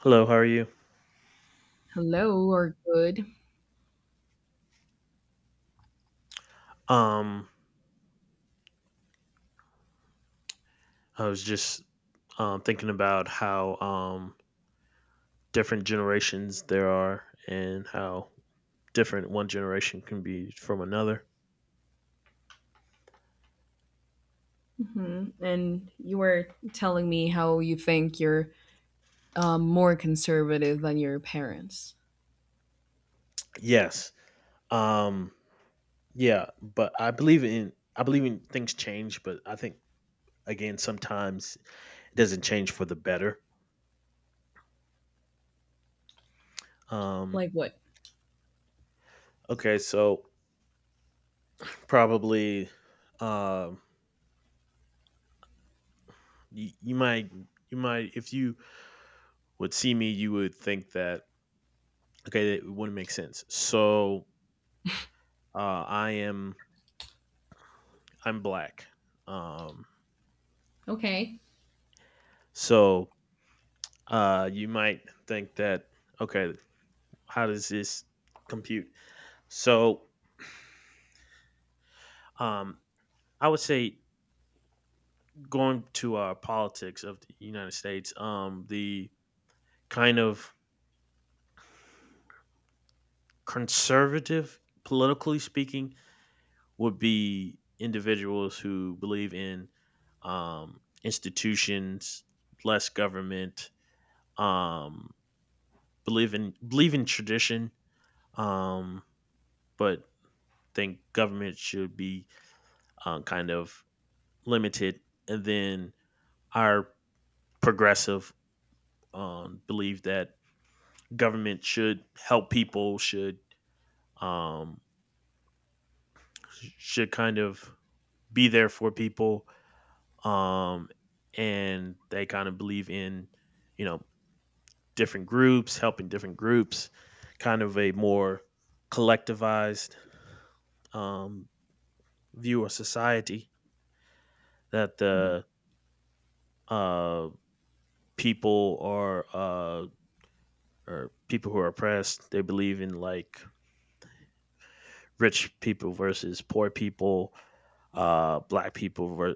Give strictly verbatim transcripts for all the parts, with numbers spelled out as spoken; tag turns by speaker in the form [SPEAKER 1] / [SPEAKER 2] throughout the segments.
[SPEAKER 1] Hello, how are you?
[SPEAKER 2] Hello or good.
[SPEAKER 1] Um, I was just um, thinking about how um, different generations there are and how different one generation can be from another.
[SPEAKER 2] Hmm. And you were telling me how you think you're um, more conservative than your parents.
[SPEAKER 1] Yes. Um, yeah, but I believe in I believe in things change, but I think again sometimes it doesn't change for the better. Um,
[SPEAKER 2] Like what?
[SPEAKER 1] okay, so probably um you, you might you might if you would see me, you would think that okay, it wouldn't make sense. So Uh, I am I'm black. Um,
[SPEAKER 2] Okay.
[SPEAKER 1] so uh, you might think that okay, how does this compute? So um, I would say going to our politics of the United States, um, the kind of conservative, politically speaking, would be individuals who believe in um, institutions, less government, um, believe in believe in tradition, um, but think government should be um, kind of limited. And then our progressive um, belief that government should help people, should um, should kind of be there for people, um, and they kind of believe in you know different groups, helping different groups, kind of a more collectivized um, view of society that
[SPEAKER 2] Hmm.
[SPEAKER 1] the uh, people are uh or people who are oppressed. They believe in like rich people versus poor people, uh black people ver-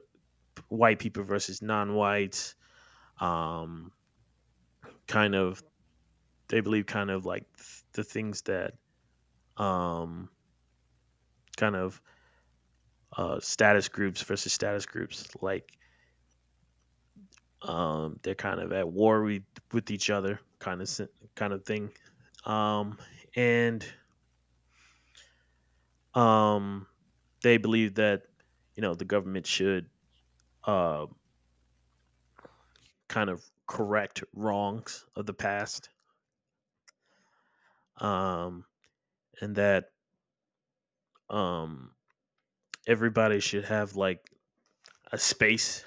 [SPEAKER 1] white people versus non-whites, um kind of. They believe kind of like th- the things that um kind of uh status groups versus status groups, like um they're kind of at war with, with each other, kind of si- kind of thing. um and Um, they believe that you know the government should uh, kind of correct wrongs of the past, um, and that um, everybody should have like a space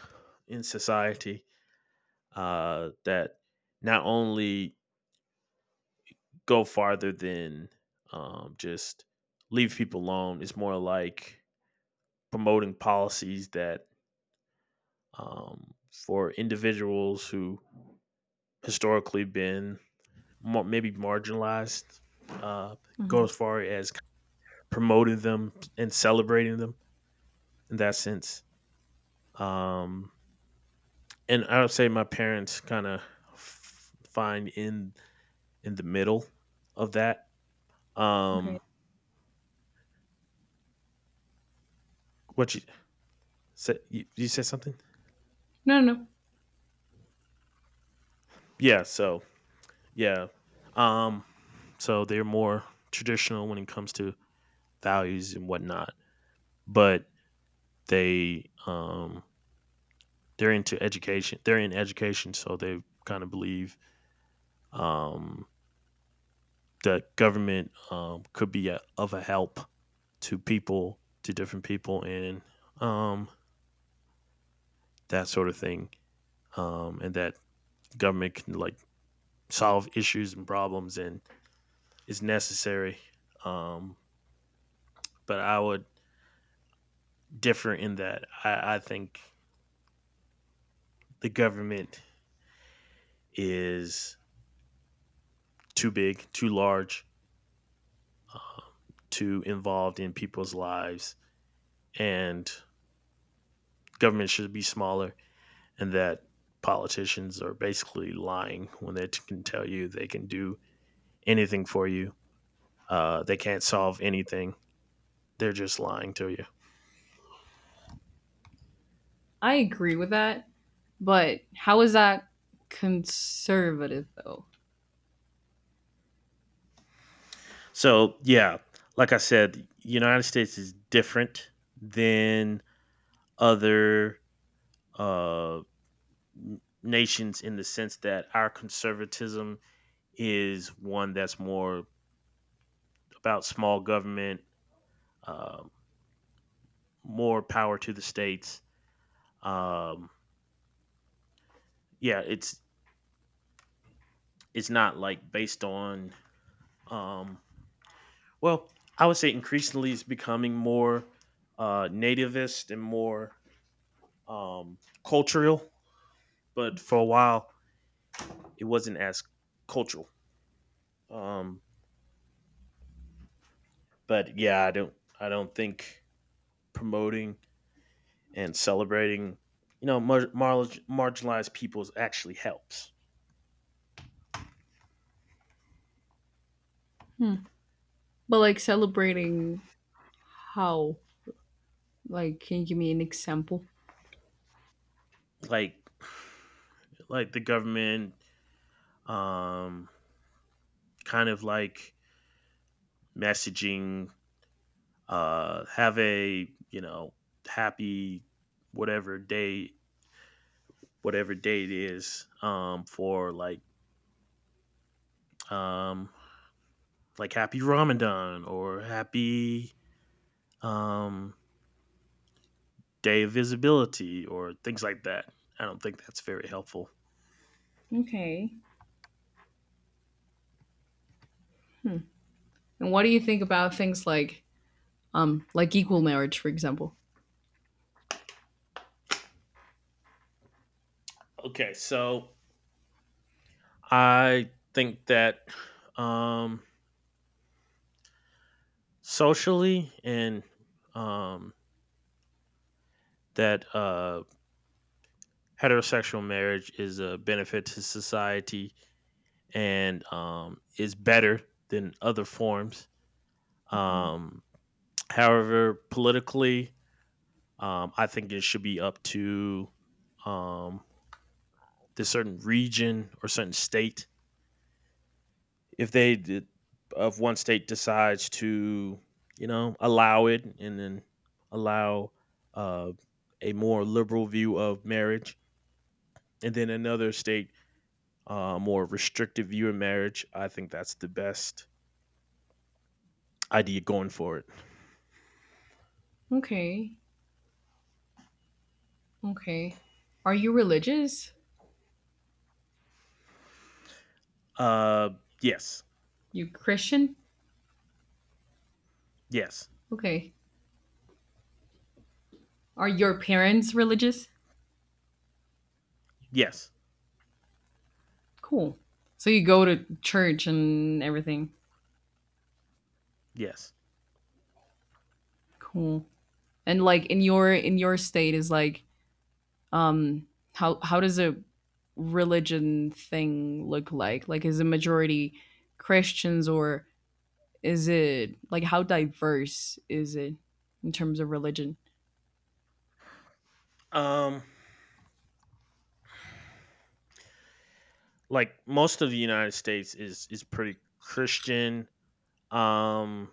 [SPEAKER 1] in society uh, that not only go farther than um, just leave people alone. It's more like promoting policies that um, for individuals who historically been mar- maybe marginalized, uh, go
[SPEAKER 2] Hmm.
[SPEAKER 1] as far as promoting them and celebrating them in that sense. um, and I would say my parents kind of f- find in in the middle of that.
[SPEAKER 2] Okay.
[SPEAKER 1] um, what you said you, you said something.
[SPEAKER 2] No, no, no.
[SPEAKER 1] Yeah, so yeah, um, so they're more traditional when it comes to values and whatnot, but they um, they're into education they're in education, so they kind of believe Um, the government um, could be a, of a help to people, to different people, and um, that sort of thing. Um, and that government can like solve issues and problems and is necessary. Um, but I would differ in that I, I think the government is too big, too large, too involved in people's lives, and government should be smaller, and that politicians are basically lying when they can tell you they can do anything for you. Uh, they can't solve anything. They're just lying to you.
[SPEAKER 2] I agree with that. But how is that conservative though?
[SPEAKER 1] So yeah, like I said, the United States is different than other uh, nations in the sense that our conservatism is one that's more about small government, uh, more power to the states. Um, yeah, it's it's not like based on Um, well, I would say increasingly it's becoming more uh, nativist and more um, cultural, but for a while it wasn't as cultural. Um, but yeah, I don't, I don't think promoting and celebrating, you know, mar- mar- marginalized peoples actually helps.
[SPEAKER 2] Hmm. But like celebrating how? Like, can you give me an example?
[SPEAKER 1] Like, like the government um, kind of like messaging, uh have a, you know, happy whatever day, whatever day it is, um for like um like happy Ramadan or happy um day of visibility or things like that. I don't think that's very helpful.
[SPEAKER 2] Okay. And what do you think about things like um like equal marriage, for example?
[SPEAKER 1] Okay, so I think that um socially and um that uh heterosexual marriage is a benefit to society and um, is better than other forms.
[SPEAKER 2] Hmm.
[SPEAKER 1] Um, however, politically, um, I think it should be up to um, the certain region or certain state. If they did, of one state decides to, you know, allow it, and then allow uh, a more liberal view of marriage, and then another state uh, more restrictive view of marriage. I think that's the best idea going forward.
[SPEAKER 2] Okay. Okay. Are you religious?
[SPEAKER 1] Uh, yes,
[SPEAKER 2] You Christian?
[SPEAKER 1] yes,
[SPEAKER 2] Okay. Are your parents religious?
[SPEAKER 1] yes,
[SPEAKER 2] Cool. So you go to church and everything.
[SPEAKER 1] yes.
[SPEAKER 2] Cool. And like in your in your state is like um how how does a religion thing look like? Like is the majority Christians, or is it like how diverse is it in terms of religion?
[SPEAKER 1] Um, like most of the United States is is pretty Christian. Um,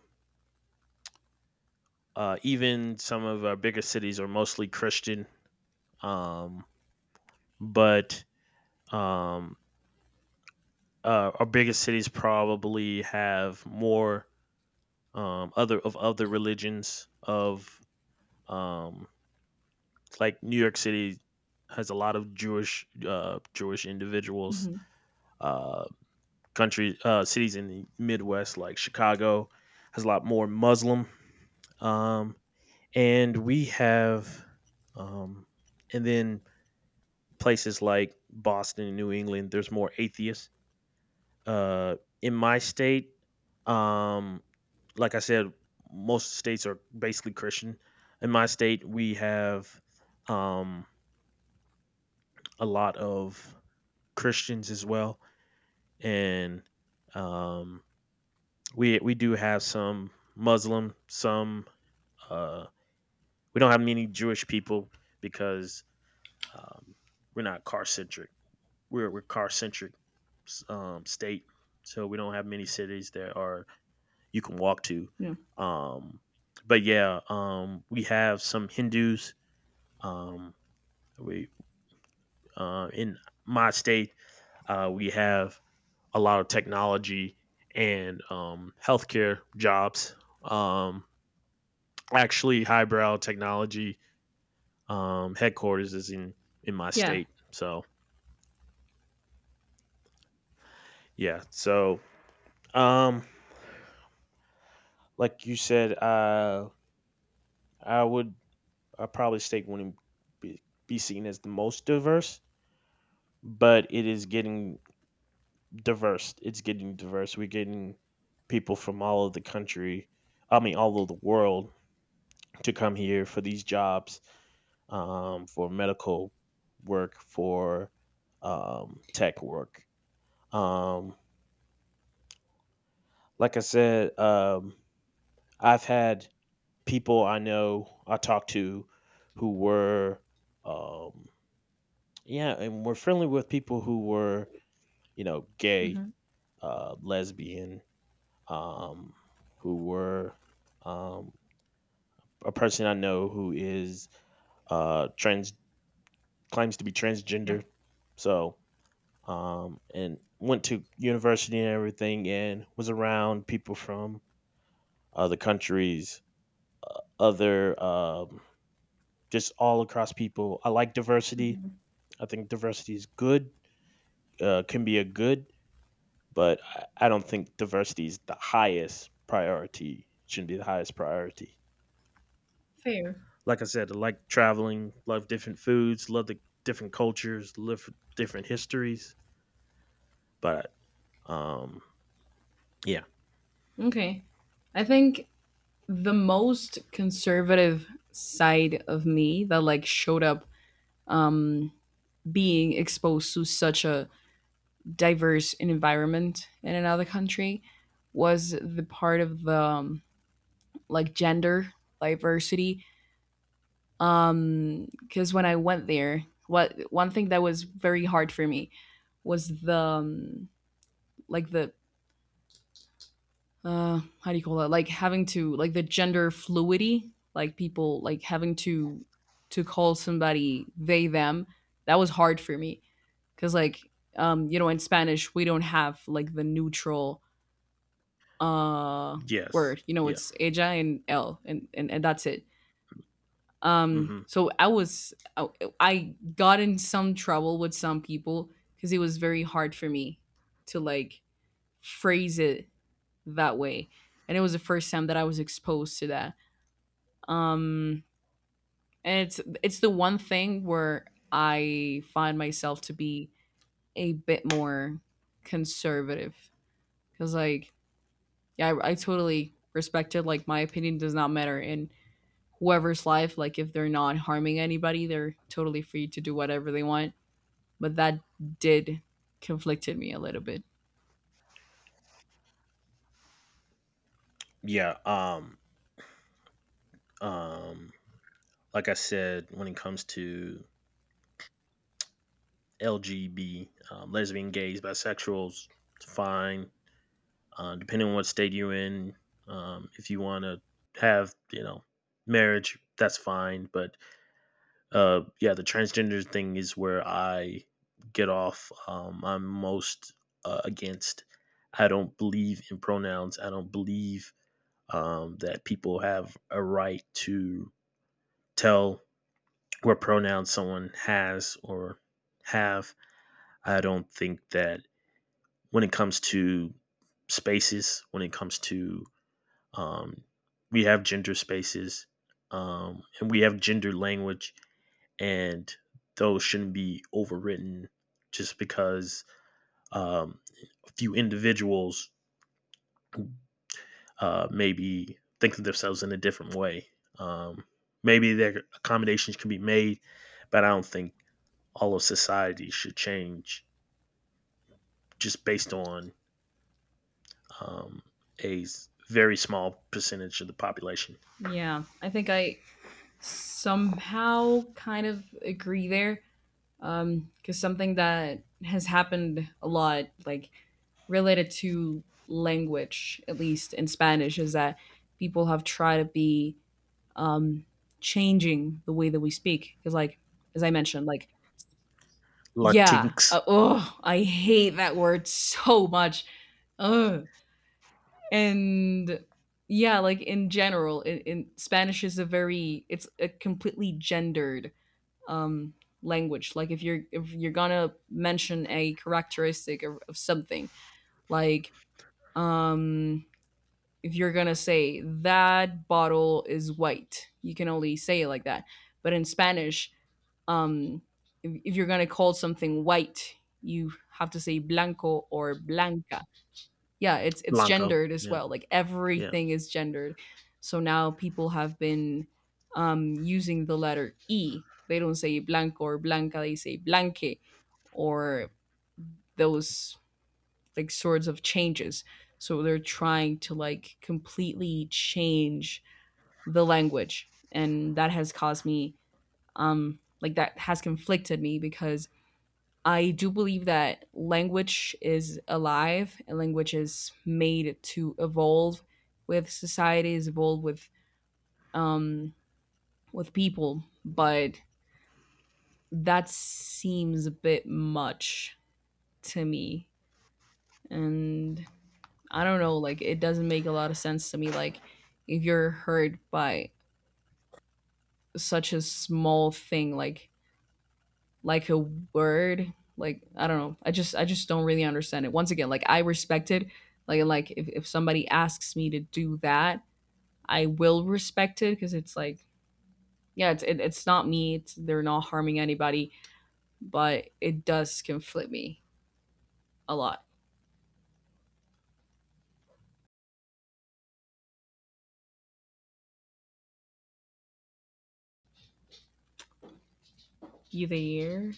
[SPEAKER 1] uh, even some of our bigger cities are mostly Christian. Um, but um, uh, our biggest cities probably have more um other of other religions of um like New York City has a lot of Jewish uh Jewish individuals.
[SPEAKER 2] Hmm.
[SPEAKER 1] Uh country uh, cities in the Midwest, like Chicago, has a lot more Muslim. Um, and we have, um, and then places like Boston and New England, there's more atheists. Uh, in my state, um, like I said, most states are basically Christian. In my state, we have um, a lot of Christians as well, and um, we we do have some Muslim, some uh, we don't have many Jewish people because um, we're not car centric. We're we're car centric um, state, so we don't have many cities that are you can walk to.
[SPEAKER 2] Yeah.
[SPEAKER 1] Um, but yeah, um, we have some Hindus. Um, we uh, in my state uh, we have a lot of technology and um, healthcare jobs. Um, Actually highbrow technology um, headquarters is in in my
[SPEAKER 2] Yeah.
[SPEAKER 1] state. So yeah, so um, like you said, uh, I would I probably state wouldn't be, be seen as the most diverse, but it is getting diverse. It's getting diverse. We're getting people from all of the country, I mean all of the world, to come here for these jobs, um, for medical work, for um, tech work. Um, like I said, um, I've had people I know I talked to who were, um, yeah, and were friendly with people who were, you know, gay,
[SPEAKER 2] Hmm.
[SPEAKER 1] uh, lesbian, um, who were um, a person I know who is uh, trans, claims to be
[SPEAKER 2] Yeah.
[SPEAKER 1] transgender. So, um, and went to university and everything and was around people from other countries, other um, just all across people. I like diversity.
[SPEAKER 2] Hmm.
[SPEAKER 1] I think diversity is good, uh, can be a good, but I- I don't think diversity is the highest priority. It shouldn't be the highest priority.
[SPEAKER 2] Fair.
[SPEAKER 1] Like I said, I like traveling, love different foods, love the different cultures, live different histories. But um, yeah,
[SPEAKER 2] Okay. I think the most conservative side of me that like showed up, um being exposed to such a diverse environment in another country, was the part of the um, like gender diversity, um because when I went there, what one thing that was very hard for me was the um, like the uh how do you call that, like having to, like the gender fluidity, like people like having to to call somebody they, them. That was hard for me because like, um you know, in Spanish we don't have like the neutral uh
[SPEAKER 1] yes,
[SPEAKER 2] word, you know,
[SPEAKER 1] yeah,
[SPEAKER 2] it's ella and el, and and, and that's it. um
[SPEAKER 1] hmm,
[SPEAKER 2] so i was I, I got in some trouble with some people because it was very hard for me to, like, phrase it that way. And it was the first time that I was exposed to that. um and it's it's the one thing where I find myself to be a bit more conservative, because like, yeah, I, I totally respected, like, my opinion does not matter in whoever's life, like if they're not harming anybody, they're totally free to do whatever they want. But that did conflicted me a little bit.
[SPEAKER 1] yeah. Um. Um. like I said, when it comes to L G B, um, lesbian, gays, bisexuals, it's fine uh, depending on what state you're in. Um, if you want to have, you know, marriage, that's fine. But uh, yeah, the transgender thing is where I get off. Um, I'm most uh, against. I don't believe in pronouns. I don't believe um, that people have a right to tell what pronouns someone has or have. I don't think that when it comes to spaces, when it comes to Um, we have gender spaces, um, and we have gender language, and those shouldn't be overwritten just because um, a few individuals uh, maybe think of themselves in a different way. Um, maybe their accommodations can be made, but I don't think all of society should change just based on um, a s- very small percentage of the population.
[SPEAKER 2] Yeah, I think I somehow kind of agree there, um because something that has happened a lot, like, related to language, at least in Spanish, is that people have tried to be, um changing the way that we speak, because like, as I mentioned, like, yeah,
[SPEAKER 1] Latinx,
[SPEAKER 2] uh, oh, I hate that word so much. Ugh. And yeah, like in general, in, in Spanish is a very it's a completely gendered, um, language. Like if you're if you're gonna mention a characteristic of, of something, like, um, if you're gonna say that bottle is white, you can only say it like that. But in Spanish, um, if, if you're gonna call something white, you have to say blanco or blanca. Yeah, it's it's
[SPEAKER 1] Blanco.
[SPEAKER 2] gendered as
[SPEAKER 1] Yeah,
[SPEAKER 2] well, like
[SPEAKER 1] yeah.
[SPEAKER 2] everything is gendered. So now people have been, um, using the letter e, they don't say blanco or blanca, they say blanque, or those like sorts of changes. So they're trying to, like, completely change the language, and that has caused me, um like that has conflicted me, because I do believe that language is alive, and language is made to evolve with societies, evolve with, um, with people, but that seems a bit much to me. And I don't know, like it doesn't make a lot of sense to me. Like, if you're hurt by such a small thing, like like a word, like, I don't know, i just i just don't really understand it. Once again, like I respect it, like like if, if somebody asks me to do that, I will respect it, because it's like, yeah, it's it, it's not me, it's, they're not harming anybody. But it does conflict me a lot. You there?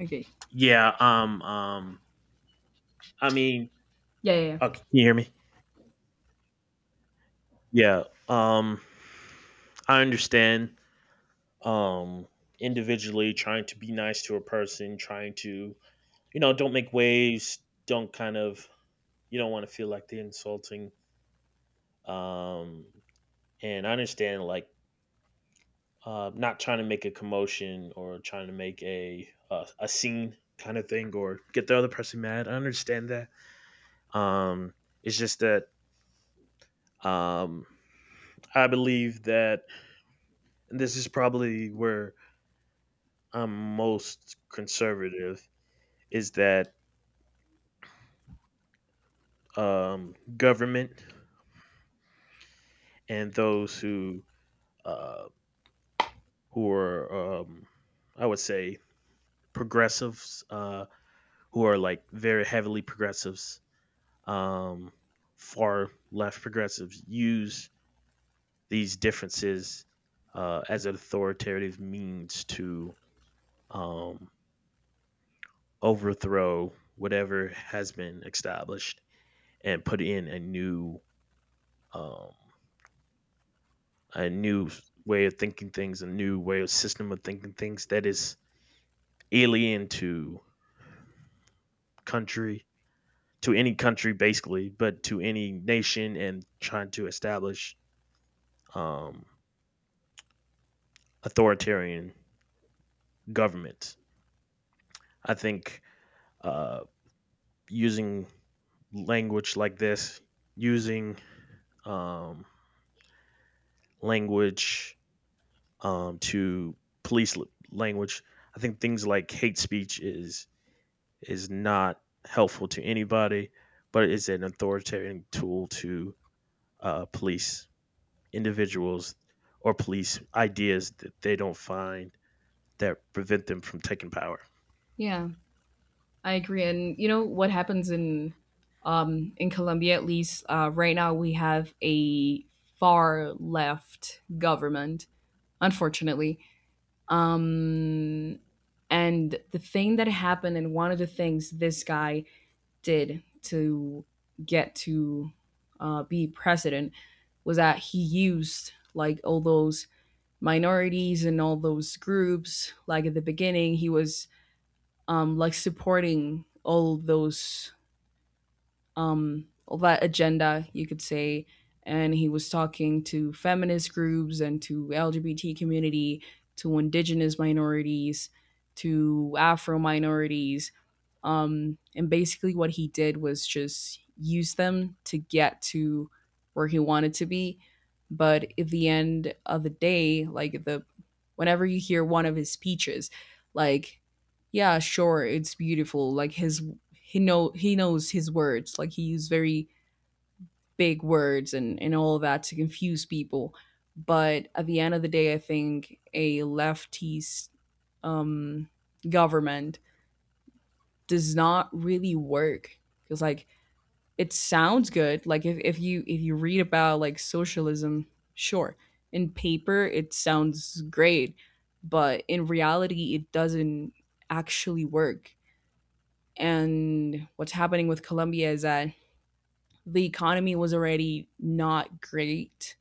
[SPEAKER 2] Okay.
[SPEAKER 1] Yeah. Um. Um. I mean,
[SPEAKER 2] Yeah, yeah, yeah.
[SPEAKER 1] okay, can you hear me? Yeah. Um. I understand. Um. Individually, trying to be nice to a person, trying to, you know, don't make waves. Don't kind of, you don't want to feel like they're insulting. Um. And I understand, like uh not trying to make a commotion or trying to make a a, a scene kind of thing, or get the other person mad. I understand that. Um. It's just that um I believe that, and this is probably where I'm most conservative, is that um, government and those who uh, who are um, I would say progressives, uh, who are like very heavily progressives, um, far left progressives, use these differences uh, as an authoritative means to um, overthrow whatever has been established and put in a new, um, a new way of thinking things, a new way of system of thinking things that is alien to country, to any country basically, but to any nation, and trying to establish um, authoritarian government. I think uh, using language like this, using um, language um, to police language, I think things like hate speech is is not helpful to anybody, but it's an authoritarian tool to uh, police individuals or police ideas that they don't find, that prevent them from taking power.
[SPEAKER 2] Yeah, I agree. And you know what happens in, um in Colombia? At least, uh right now we have a far left government, unfortunately. Um, and the thing that happened, and one of the things this guy did to get to, uh, be president, was that he used like all those minorities and all those groups. Like at the beginning, he was, um, like, supporting all those, um, that agenda, you could say. And he was talking to feminist groups, and to L G B T community, to indigenous minorities, to Afro minorities, um, and basically, what he did was just use them to get to where he wanted to be. But at the end of the day, like the whenever you hear one of his speeches, like, yeah, sure, it's beautiful. Like his he know he knows his words. Like he used very big words, and and all of that to confuse people. But at the end of the day, I think a leftist, um, government does not really work, because like it sounds good, like if, if you if you read about, like, socialism, sure, in paper it sounds great, but in reality it doesn't actually work. And what's happening with Colombia is that the economy was already not great,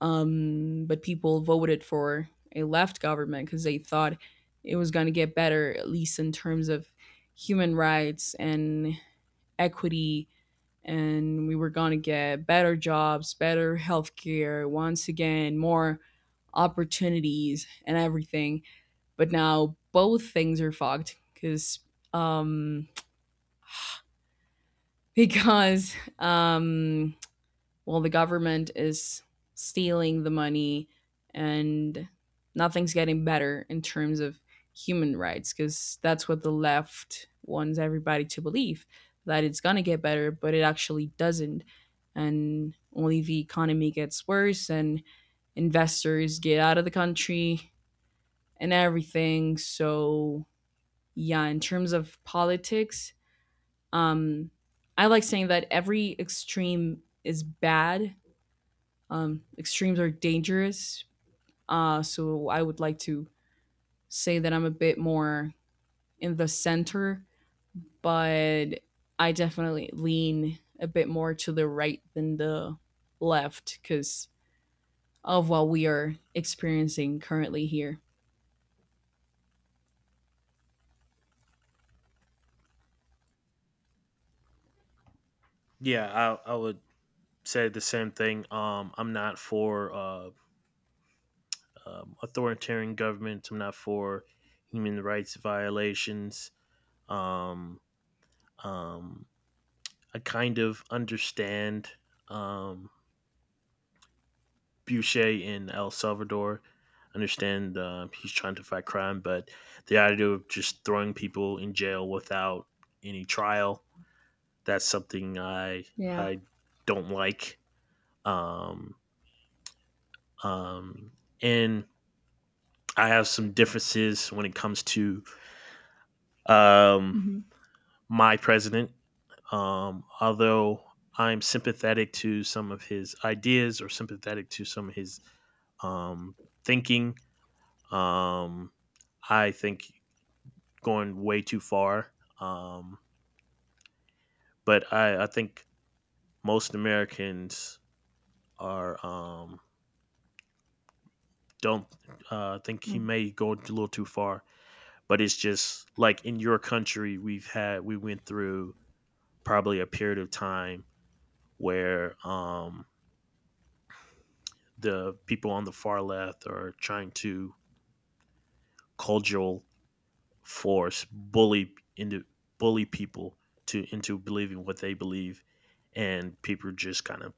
[SPEAKER 2] um, but people voted for a left government because they thought it was going to get better, at least in terms of human rights and equity, and we were going to get better jobs, better healthcare, once again, more opportunities and everything. But now both things are fucked, because um because um well, the government is stealing the money, and nothing's getting better in terms of human rights, because that's what the left wants everybody to believe, that it's going to get better, but it actually doesn't. And only the economy gets worse, and investors get out of the country and everything. So, yeah, in terms of politics, um, I like saying that every extreme is bad, um, extremes are dangerous. Uh, so I would like to say that I'm a bit more in the center, but I definitely lean a bit more to the right than the left, because of what we are experiencing currently here.
[SPEAKER 1] Yeah, I, I would say the same thing. Um, I'm not for uh, um, authoritarian governments. I'm not for human rights violations. Um, um, I kind of understand um, Boucher in El Salvador. Understand uh, he's trying to fight crime, but the idea of just throwing people in jail without any trial, that's something I
[SPEAKER 2] Yeah.
[SPEAKER 1] I don't like. Um, um, and I have some differences when it comes to um,
[SPEAKER 2] Mm-hmm.
[SPEAKER 1] my president. Um, although I'm sympathetic to some of his ideas or sympathetic to some of his um, thinking, Um, I think going way too far. Um, but I, I think most Americans are um, don't uh, think he may go a little too far. But it's just like in your country, we've had we went through probably a period of time where um, the people on the far left are trying to cudgel force bully into bully people to into believing what they believe, and people are just kind of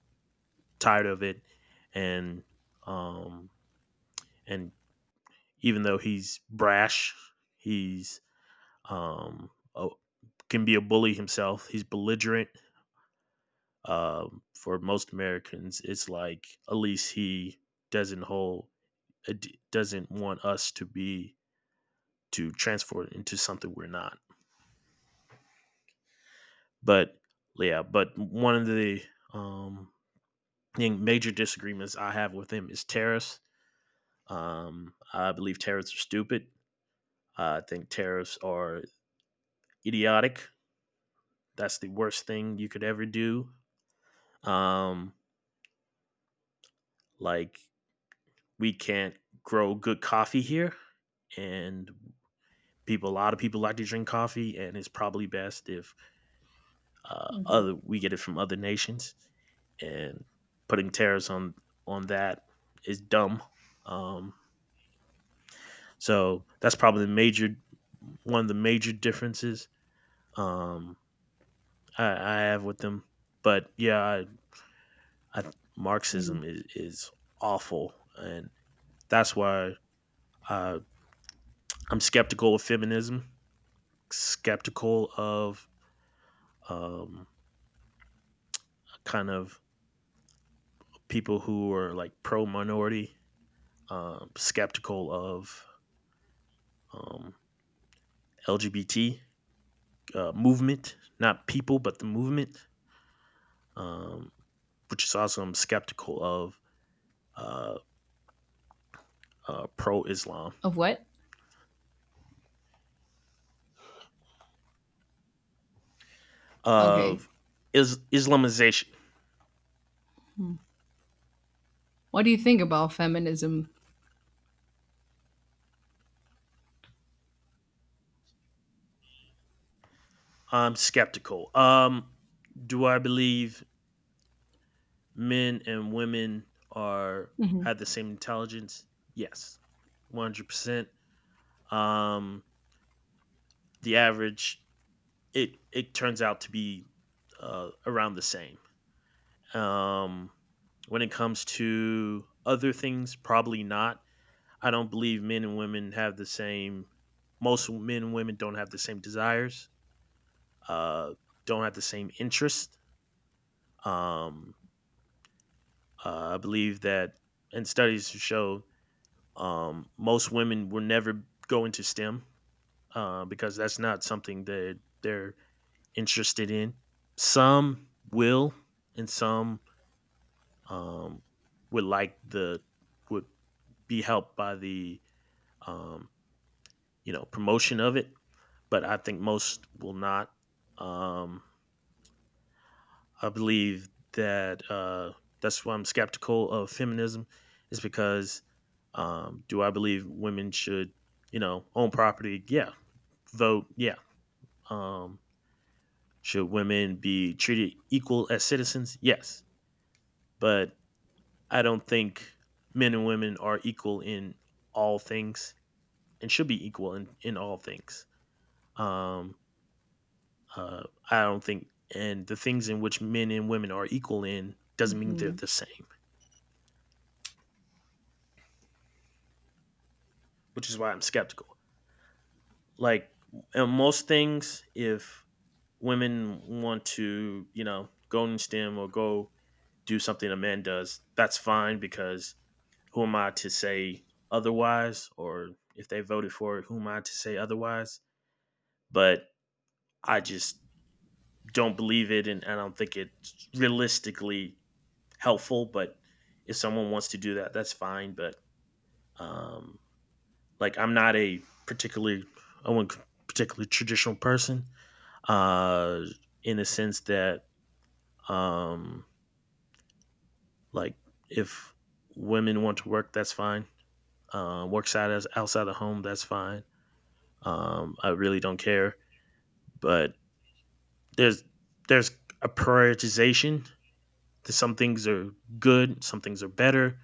[SPEAKER 1] tired of it, and um and even though he's brash, he's um a, can be a bully himself, he's belligerent. Um for most Americans, it's like at least he doesn't hold doesn't want us to be to transform into something we're not. But yeah, but one of the um, thing- major disagreements I have with him is tariffs. Um, I believe tariffs are stupid. I think tariffs are idiotic. That's the worst thing you could ever do. Um, like we can't grow good coffee here, and people, a lot of people like to drink coffee, and it's probably best if uh,
[SPEAKER 2] Mm-hmm.
[SPEAKER 1] other we get it from other nations. And putting tariffs on on that is dumb. Um, So that's probably the major one of the major differences um, I, I have with them. But yeah, I, I,
[SPEAKER 2] Yeah.
[SPEAKER 1] Marxism is, is awful, and that's why uh, I'm skeptical of feminism, skeptical of um, kind of people who are like pro minority, um, skeptical of um, L G B T uh, movement, not people, but the movement, um, which is also I'm skeptical of uh, uh, pro Islam
[SPEAKER 2] Of what? Okay.
[SPEAKER 1] of is Islamization.
[SPEAKER 2] Mm. What do you think about feminism?
[SPEAKER 1] I'm skeptical. Um, do I believe men and women are
[SPEAKER 2] Mm-hmm.
[SPEAKER 1] have the same intelligence? Yes, one hundred. Percent Um, the average it it turns out to be uh, around the same. Um, when it comes to other things, probably not. I don't believe men and women have the same. Most men and women don't have the same desires. uh, don't have the same interest. Um, uh, I believe that, and studies show um, most women will never go into STEM uh, because that's not something that they're interested in. Some will, and some um, would like the would be helped by the um, you know promotion of it, but I think most will not. Um, I believe that uh, that's why I'm skeptical of feminism, is because um, do I believe women should, you know, own property? Yeah. Vote? Yeah. Um, should women be treated equal as citizens? Yes. But I don't think men and women are equal in all things and should be equal in, in all things. Um, uh, I don't think, and the things in which men and women are equal in doesn't mean they're
[SPEAKER 2] Mm-hmm.
[SPEAKER 1] the same, which is why I'm skeptical. Like, in most things, if women want to, you know, go in STEM or go do something a man does, that's fine, because who am I to say otherwise? Or if they voted for it, who am I to say otherwise? But I just don't believe it, and I don't think it's realistically helpful, but if someone wants to do that, that's fine. But um like I'm not a particularly I wouldn't particularly traditional person, uh, in the sense that um, like, if women want to work, that's fine. Uh, work side as outside the home, that's fine. Um, I really don't care. But there's there's a prioritization. Some things are good, some things are better.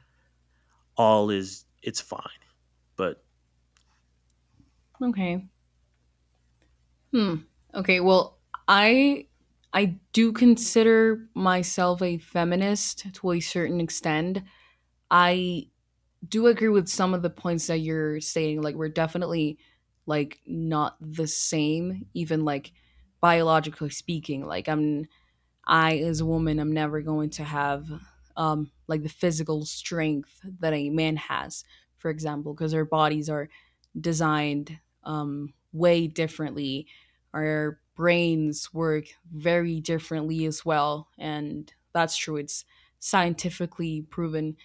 [SPEAKER 1] All is it's fine. But
[SPEAKER 2] Okay. Hmm. Okay. Well, I I do consider myself a feminist to a certain extent. I do agree with some of the points that you're saying. Like, we're definitely, like, not the same, even like biologically speaking. Like I'm I, as a woman, I am never going to have, um, like, the physical strength that a man has, for example, because our bodies are designed, um, way differently. Our brains work very differently as well. And that's true. It's scientifically proven.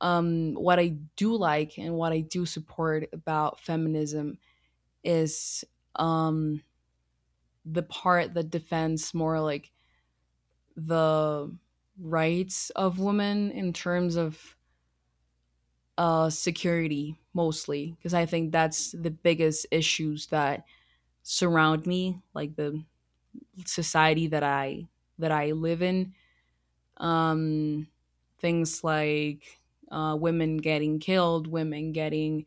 [SPEAKER 2] Um, what I do like and what I do support about feminism is, um, the part that defends more, like, the rights of women in terms of, uh, security, mostly, because I think that's the biggest issues that surround me, like the society that i that i live in, um, things like, uh, women getting killed, women getting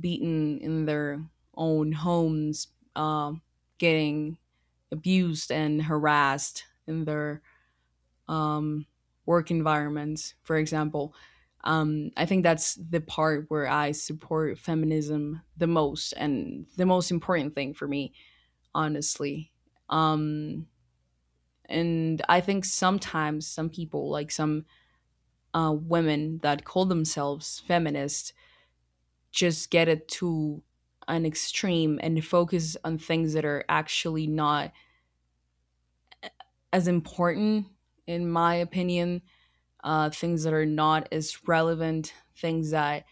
[SPEAKER 2] beaten in their own homes, um, getting abused and harassed in their, um, work environments, for example. Um, I think that's the part where I support feminism the most, and the most important thing for me, honestly. Um, and I think sometimes some people, like some, uh, women that call themselves feminists, just get it to an extreme and focus on things that are actually not as important, in my opinion, uh, things that are not as relevant, things that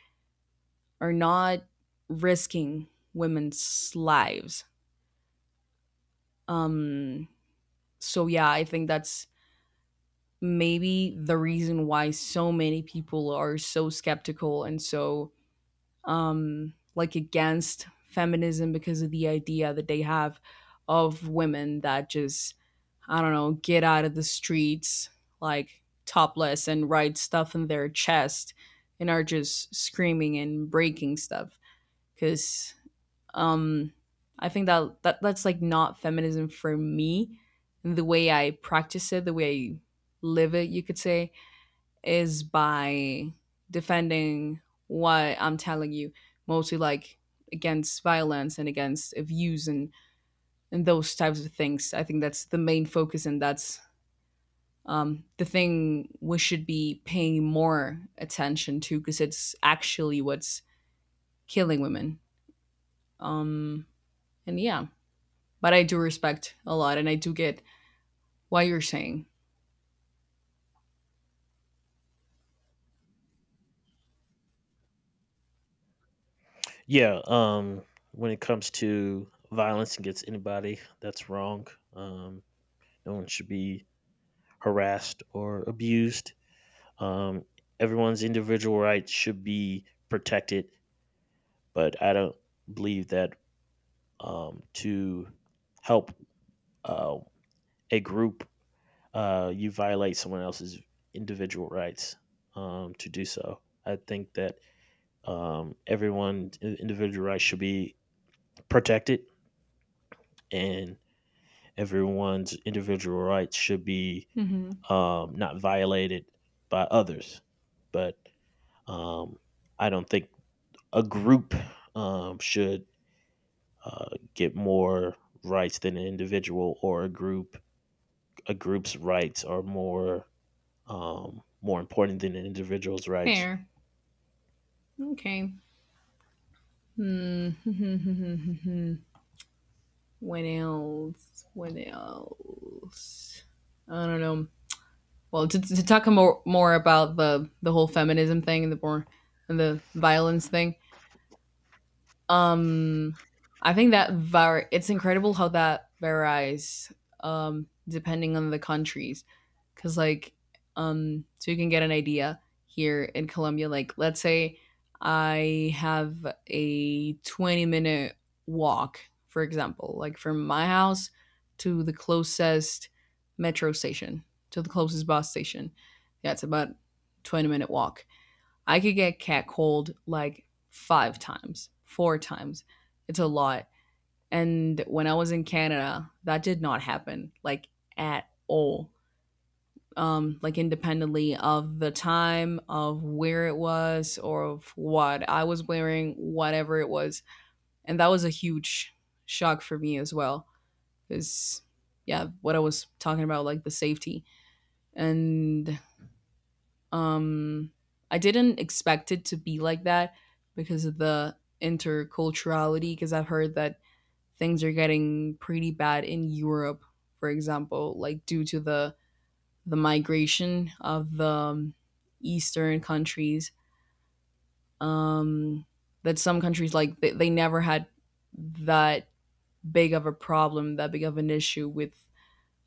[SPEAKER 2] are not risking women's lives. Um, so, yeah, I think that's maybe the reason why so many people are so skeptical and so, um, like, against feminism, because of the idea that they have of women that just, I don't know, get out of the streets, like, topless and write stuff in their chest and are just screaming and breaking stuff, because, um, I think that, that that's, like, not feminism for me. The way I practice it, the way I live it, you could say, is by defending what I'm telling you, mostly, like, against violence and against abuse, and, and those types of things. I think that's the main focus, and that's, um, the thing we should be paying more attention to, because it's actually what's killing women. And yeah, but I do respect a lot, and I do get what you're saying.
[SPEAKER 1] yeah, um, when it comes to violence against anybody, that's wrong. Um, no one should be harassed or abused. Um, Everyone's individual rights should be protected, but I don't believe that um, to help uh, a group, uh, you violate someone else's individual rights um, to do so. I think that um, everyone's individual rights should be protected, and everyone's individual rights should be
[SPEAKER 2] Mm-hmm.
[SPEAKER 1] um, not violated by others. But um, I don't think a group um, should uh, get more rights than an individual, or a group— a group's rights are more um, more important than an individual's rights.
[SPEAKER 2] Fair. Okay. When else? When else? I don't know. Well, to, to talk more more about the the whole feminism thing, and the more and the violence thing. I think that var it's incredible how that varies, um depending on the countries, cuz like, um so you can get an idea. Here in Colombia, like, let's say I have a twenty minute walk, for example, like from my house to the closest metro station, to the closest bus station. That's about twenty minute walk. I could get catcalled like five times, four times. It's a lot. And when I was in Canada, that did not happen, like, at all. Um, like, independently of the time, of where it was, or of what I was wearing, whatever it was. And that was a huge shock for me as well. Because, yeah, what I was talking about, like, the safety. And um, I didn't expect it to be like that, because of the interculturality, because I've heard that things are getting pretty bad in Europe, for example, like due to the the migration of the, um, eastern countries. Um, that some countries, like, they, they never had that big of a problem, that big of an issue with,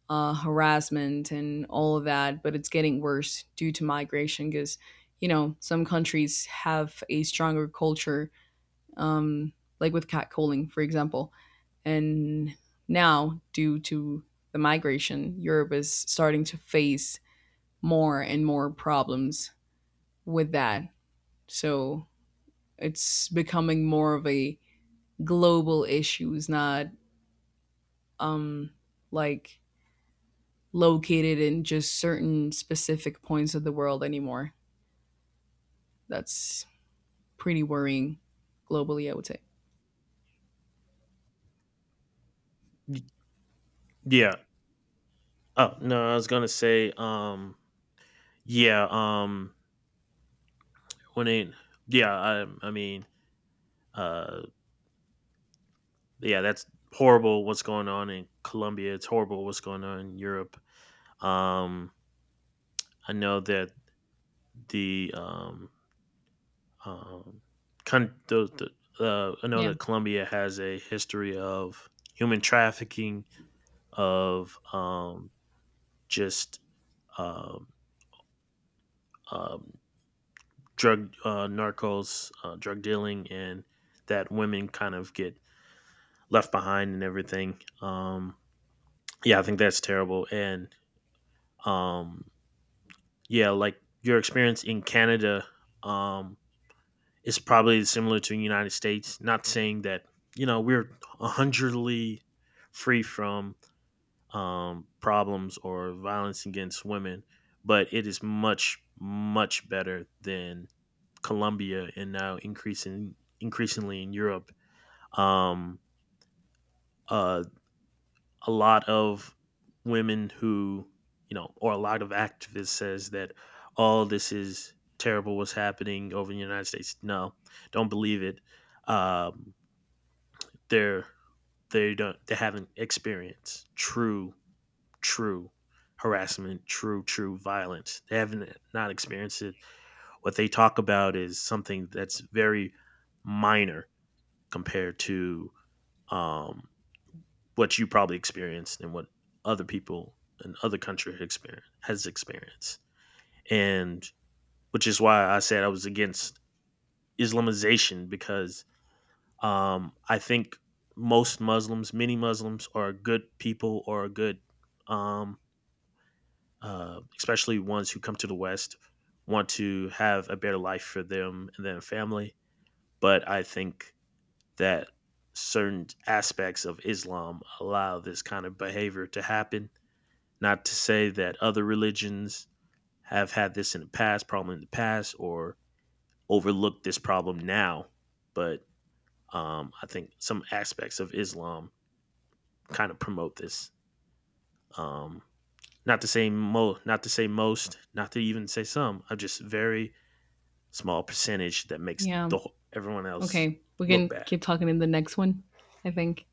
[SPEAKER 2] uh, harassment and all of that, but it's getting worse due to migration because, you know, some countries have a stronger culture, um, like with catcalling, for example. And now, due to the migration, Europe is starting to face more and more problems with that. So it's becoming more of a global issue. It's not, um, like, located in just certain specific points of the world anymore. That's pretty worrying globally, I would say.
[SPEAKER 1] Y- yeah oh no I was gonna say um yeah um when it yeah I I mean uh yeah That's horrible what's going on in Colombia. It's horrible what's going on in Europe. um I know that the um Um, con- the, the, uh, I know
[SPEAKER 2] Yeah.
[SPEAKER 1] that Colombia has a history of human trafficking, of um, just um, um, drug uh, narcos, uh, drug dealing, and that women kind of get left behind and everything. Um, yeah, I think that's terrible. And um, yeah, like your experience in Canada, um, it's probably similar to the United States. Not saying that, you know, we're hundredly free from um, problems or violence against women, but it is much much better than Colombia, and now increasing increasingly in Europe. Um, uh, a lot of women who, you know, or a lot of activists says that all this is terrible what's happening over in the United States. No, don't believe it. Um, they're they don't, they haven't experienced true true harassment, true true violence. They haven't not experienced it. What they talk about is something that's very minor compared to um, what you probably experienced and what other people in other country experience has experienced. And which is why I said I was against Islamization, because um, I think most Muslims, many Muslims are good people or good, um, uh, especially ones who come to the West, want to have a better life for them and their family. But I think that certain aspects of Islam allow this kind of behavior to happen. Not to say that other religions have had this in the past, problem in the past, or overlooked this problem now, but um, I think some aspects of Islam kind of promote this. Um, Not to say mo, not to say most, not to even say some. I'm just very small percentage that makes
[SPEAKER 2] Yeah.
[SPEAKER 1] the wh- everyone else
[SPEAKER 2] Okay. We
[SPEAKER 1] look
[SPEAKER 2] can
[SPEAKER 1] bad.
[SPEAKER 2] keep talking in the next one, I think.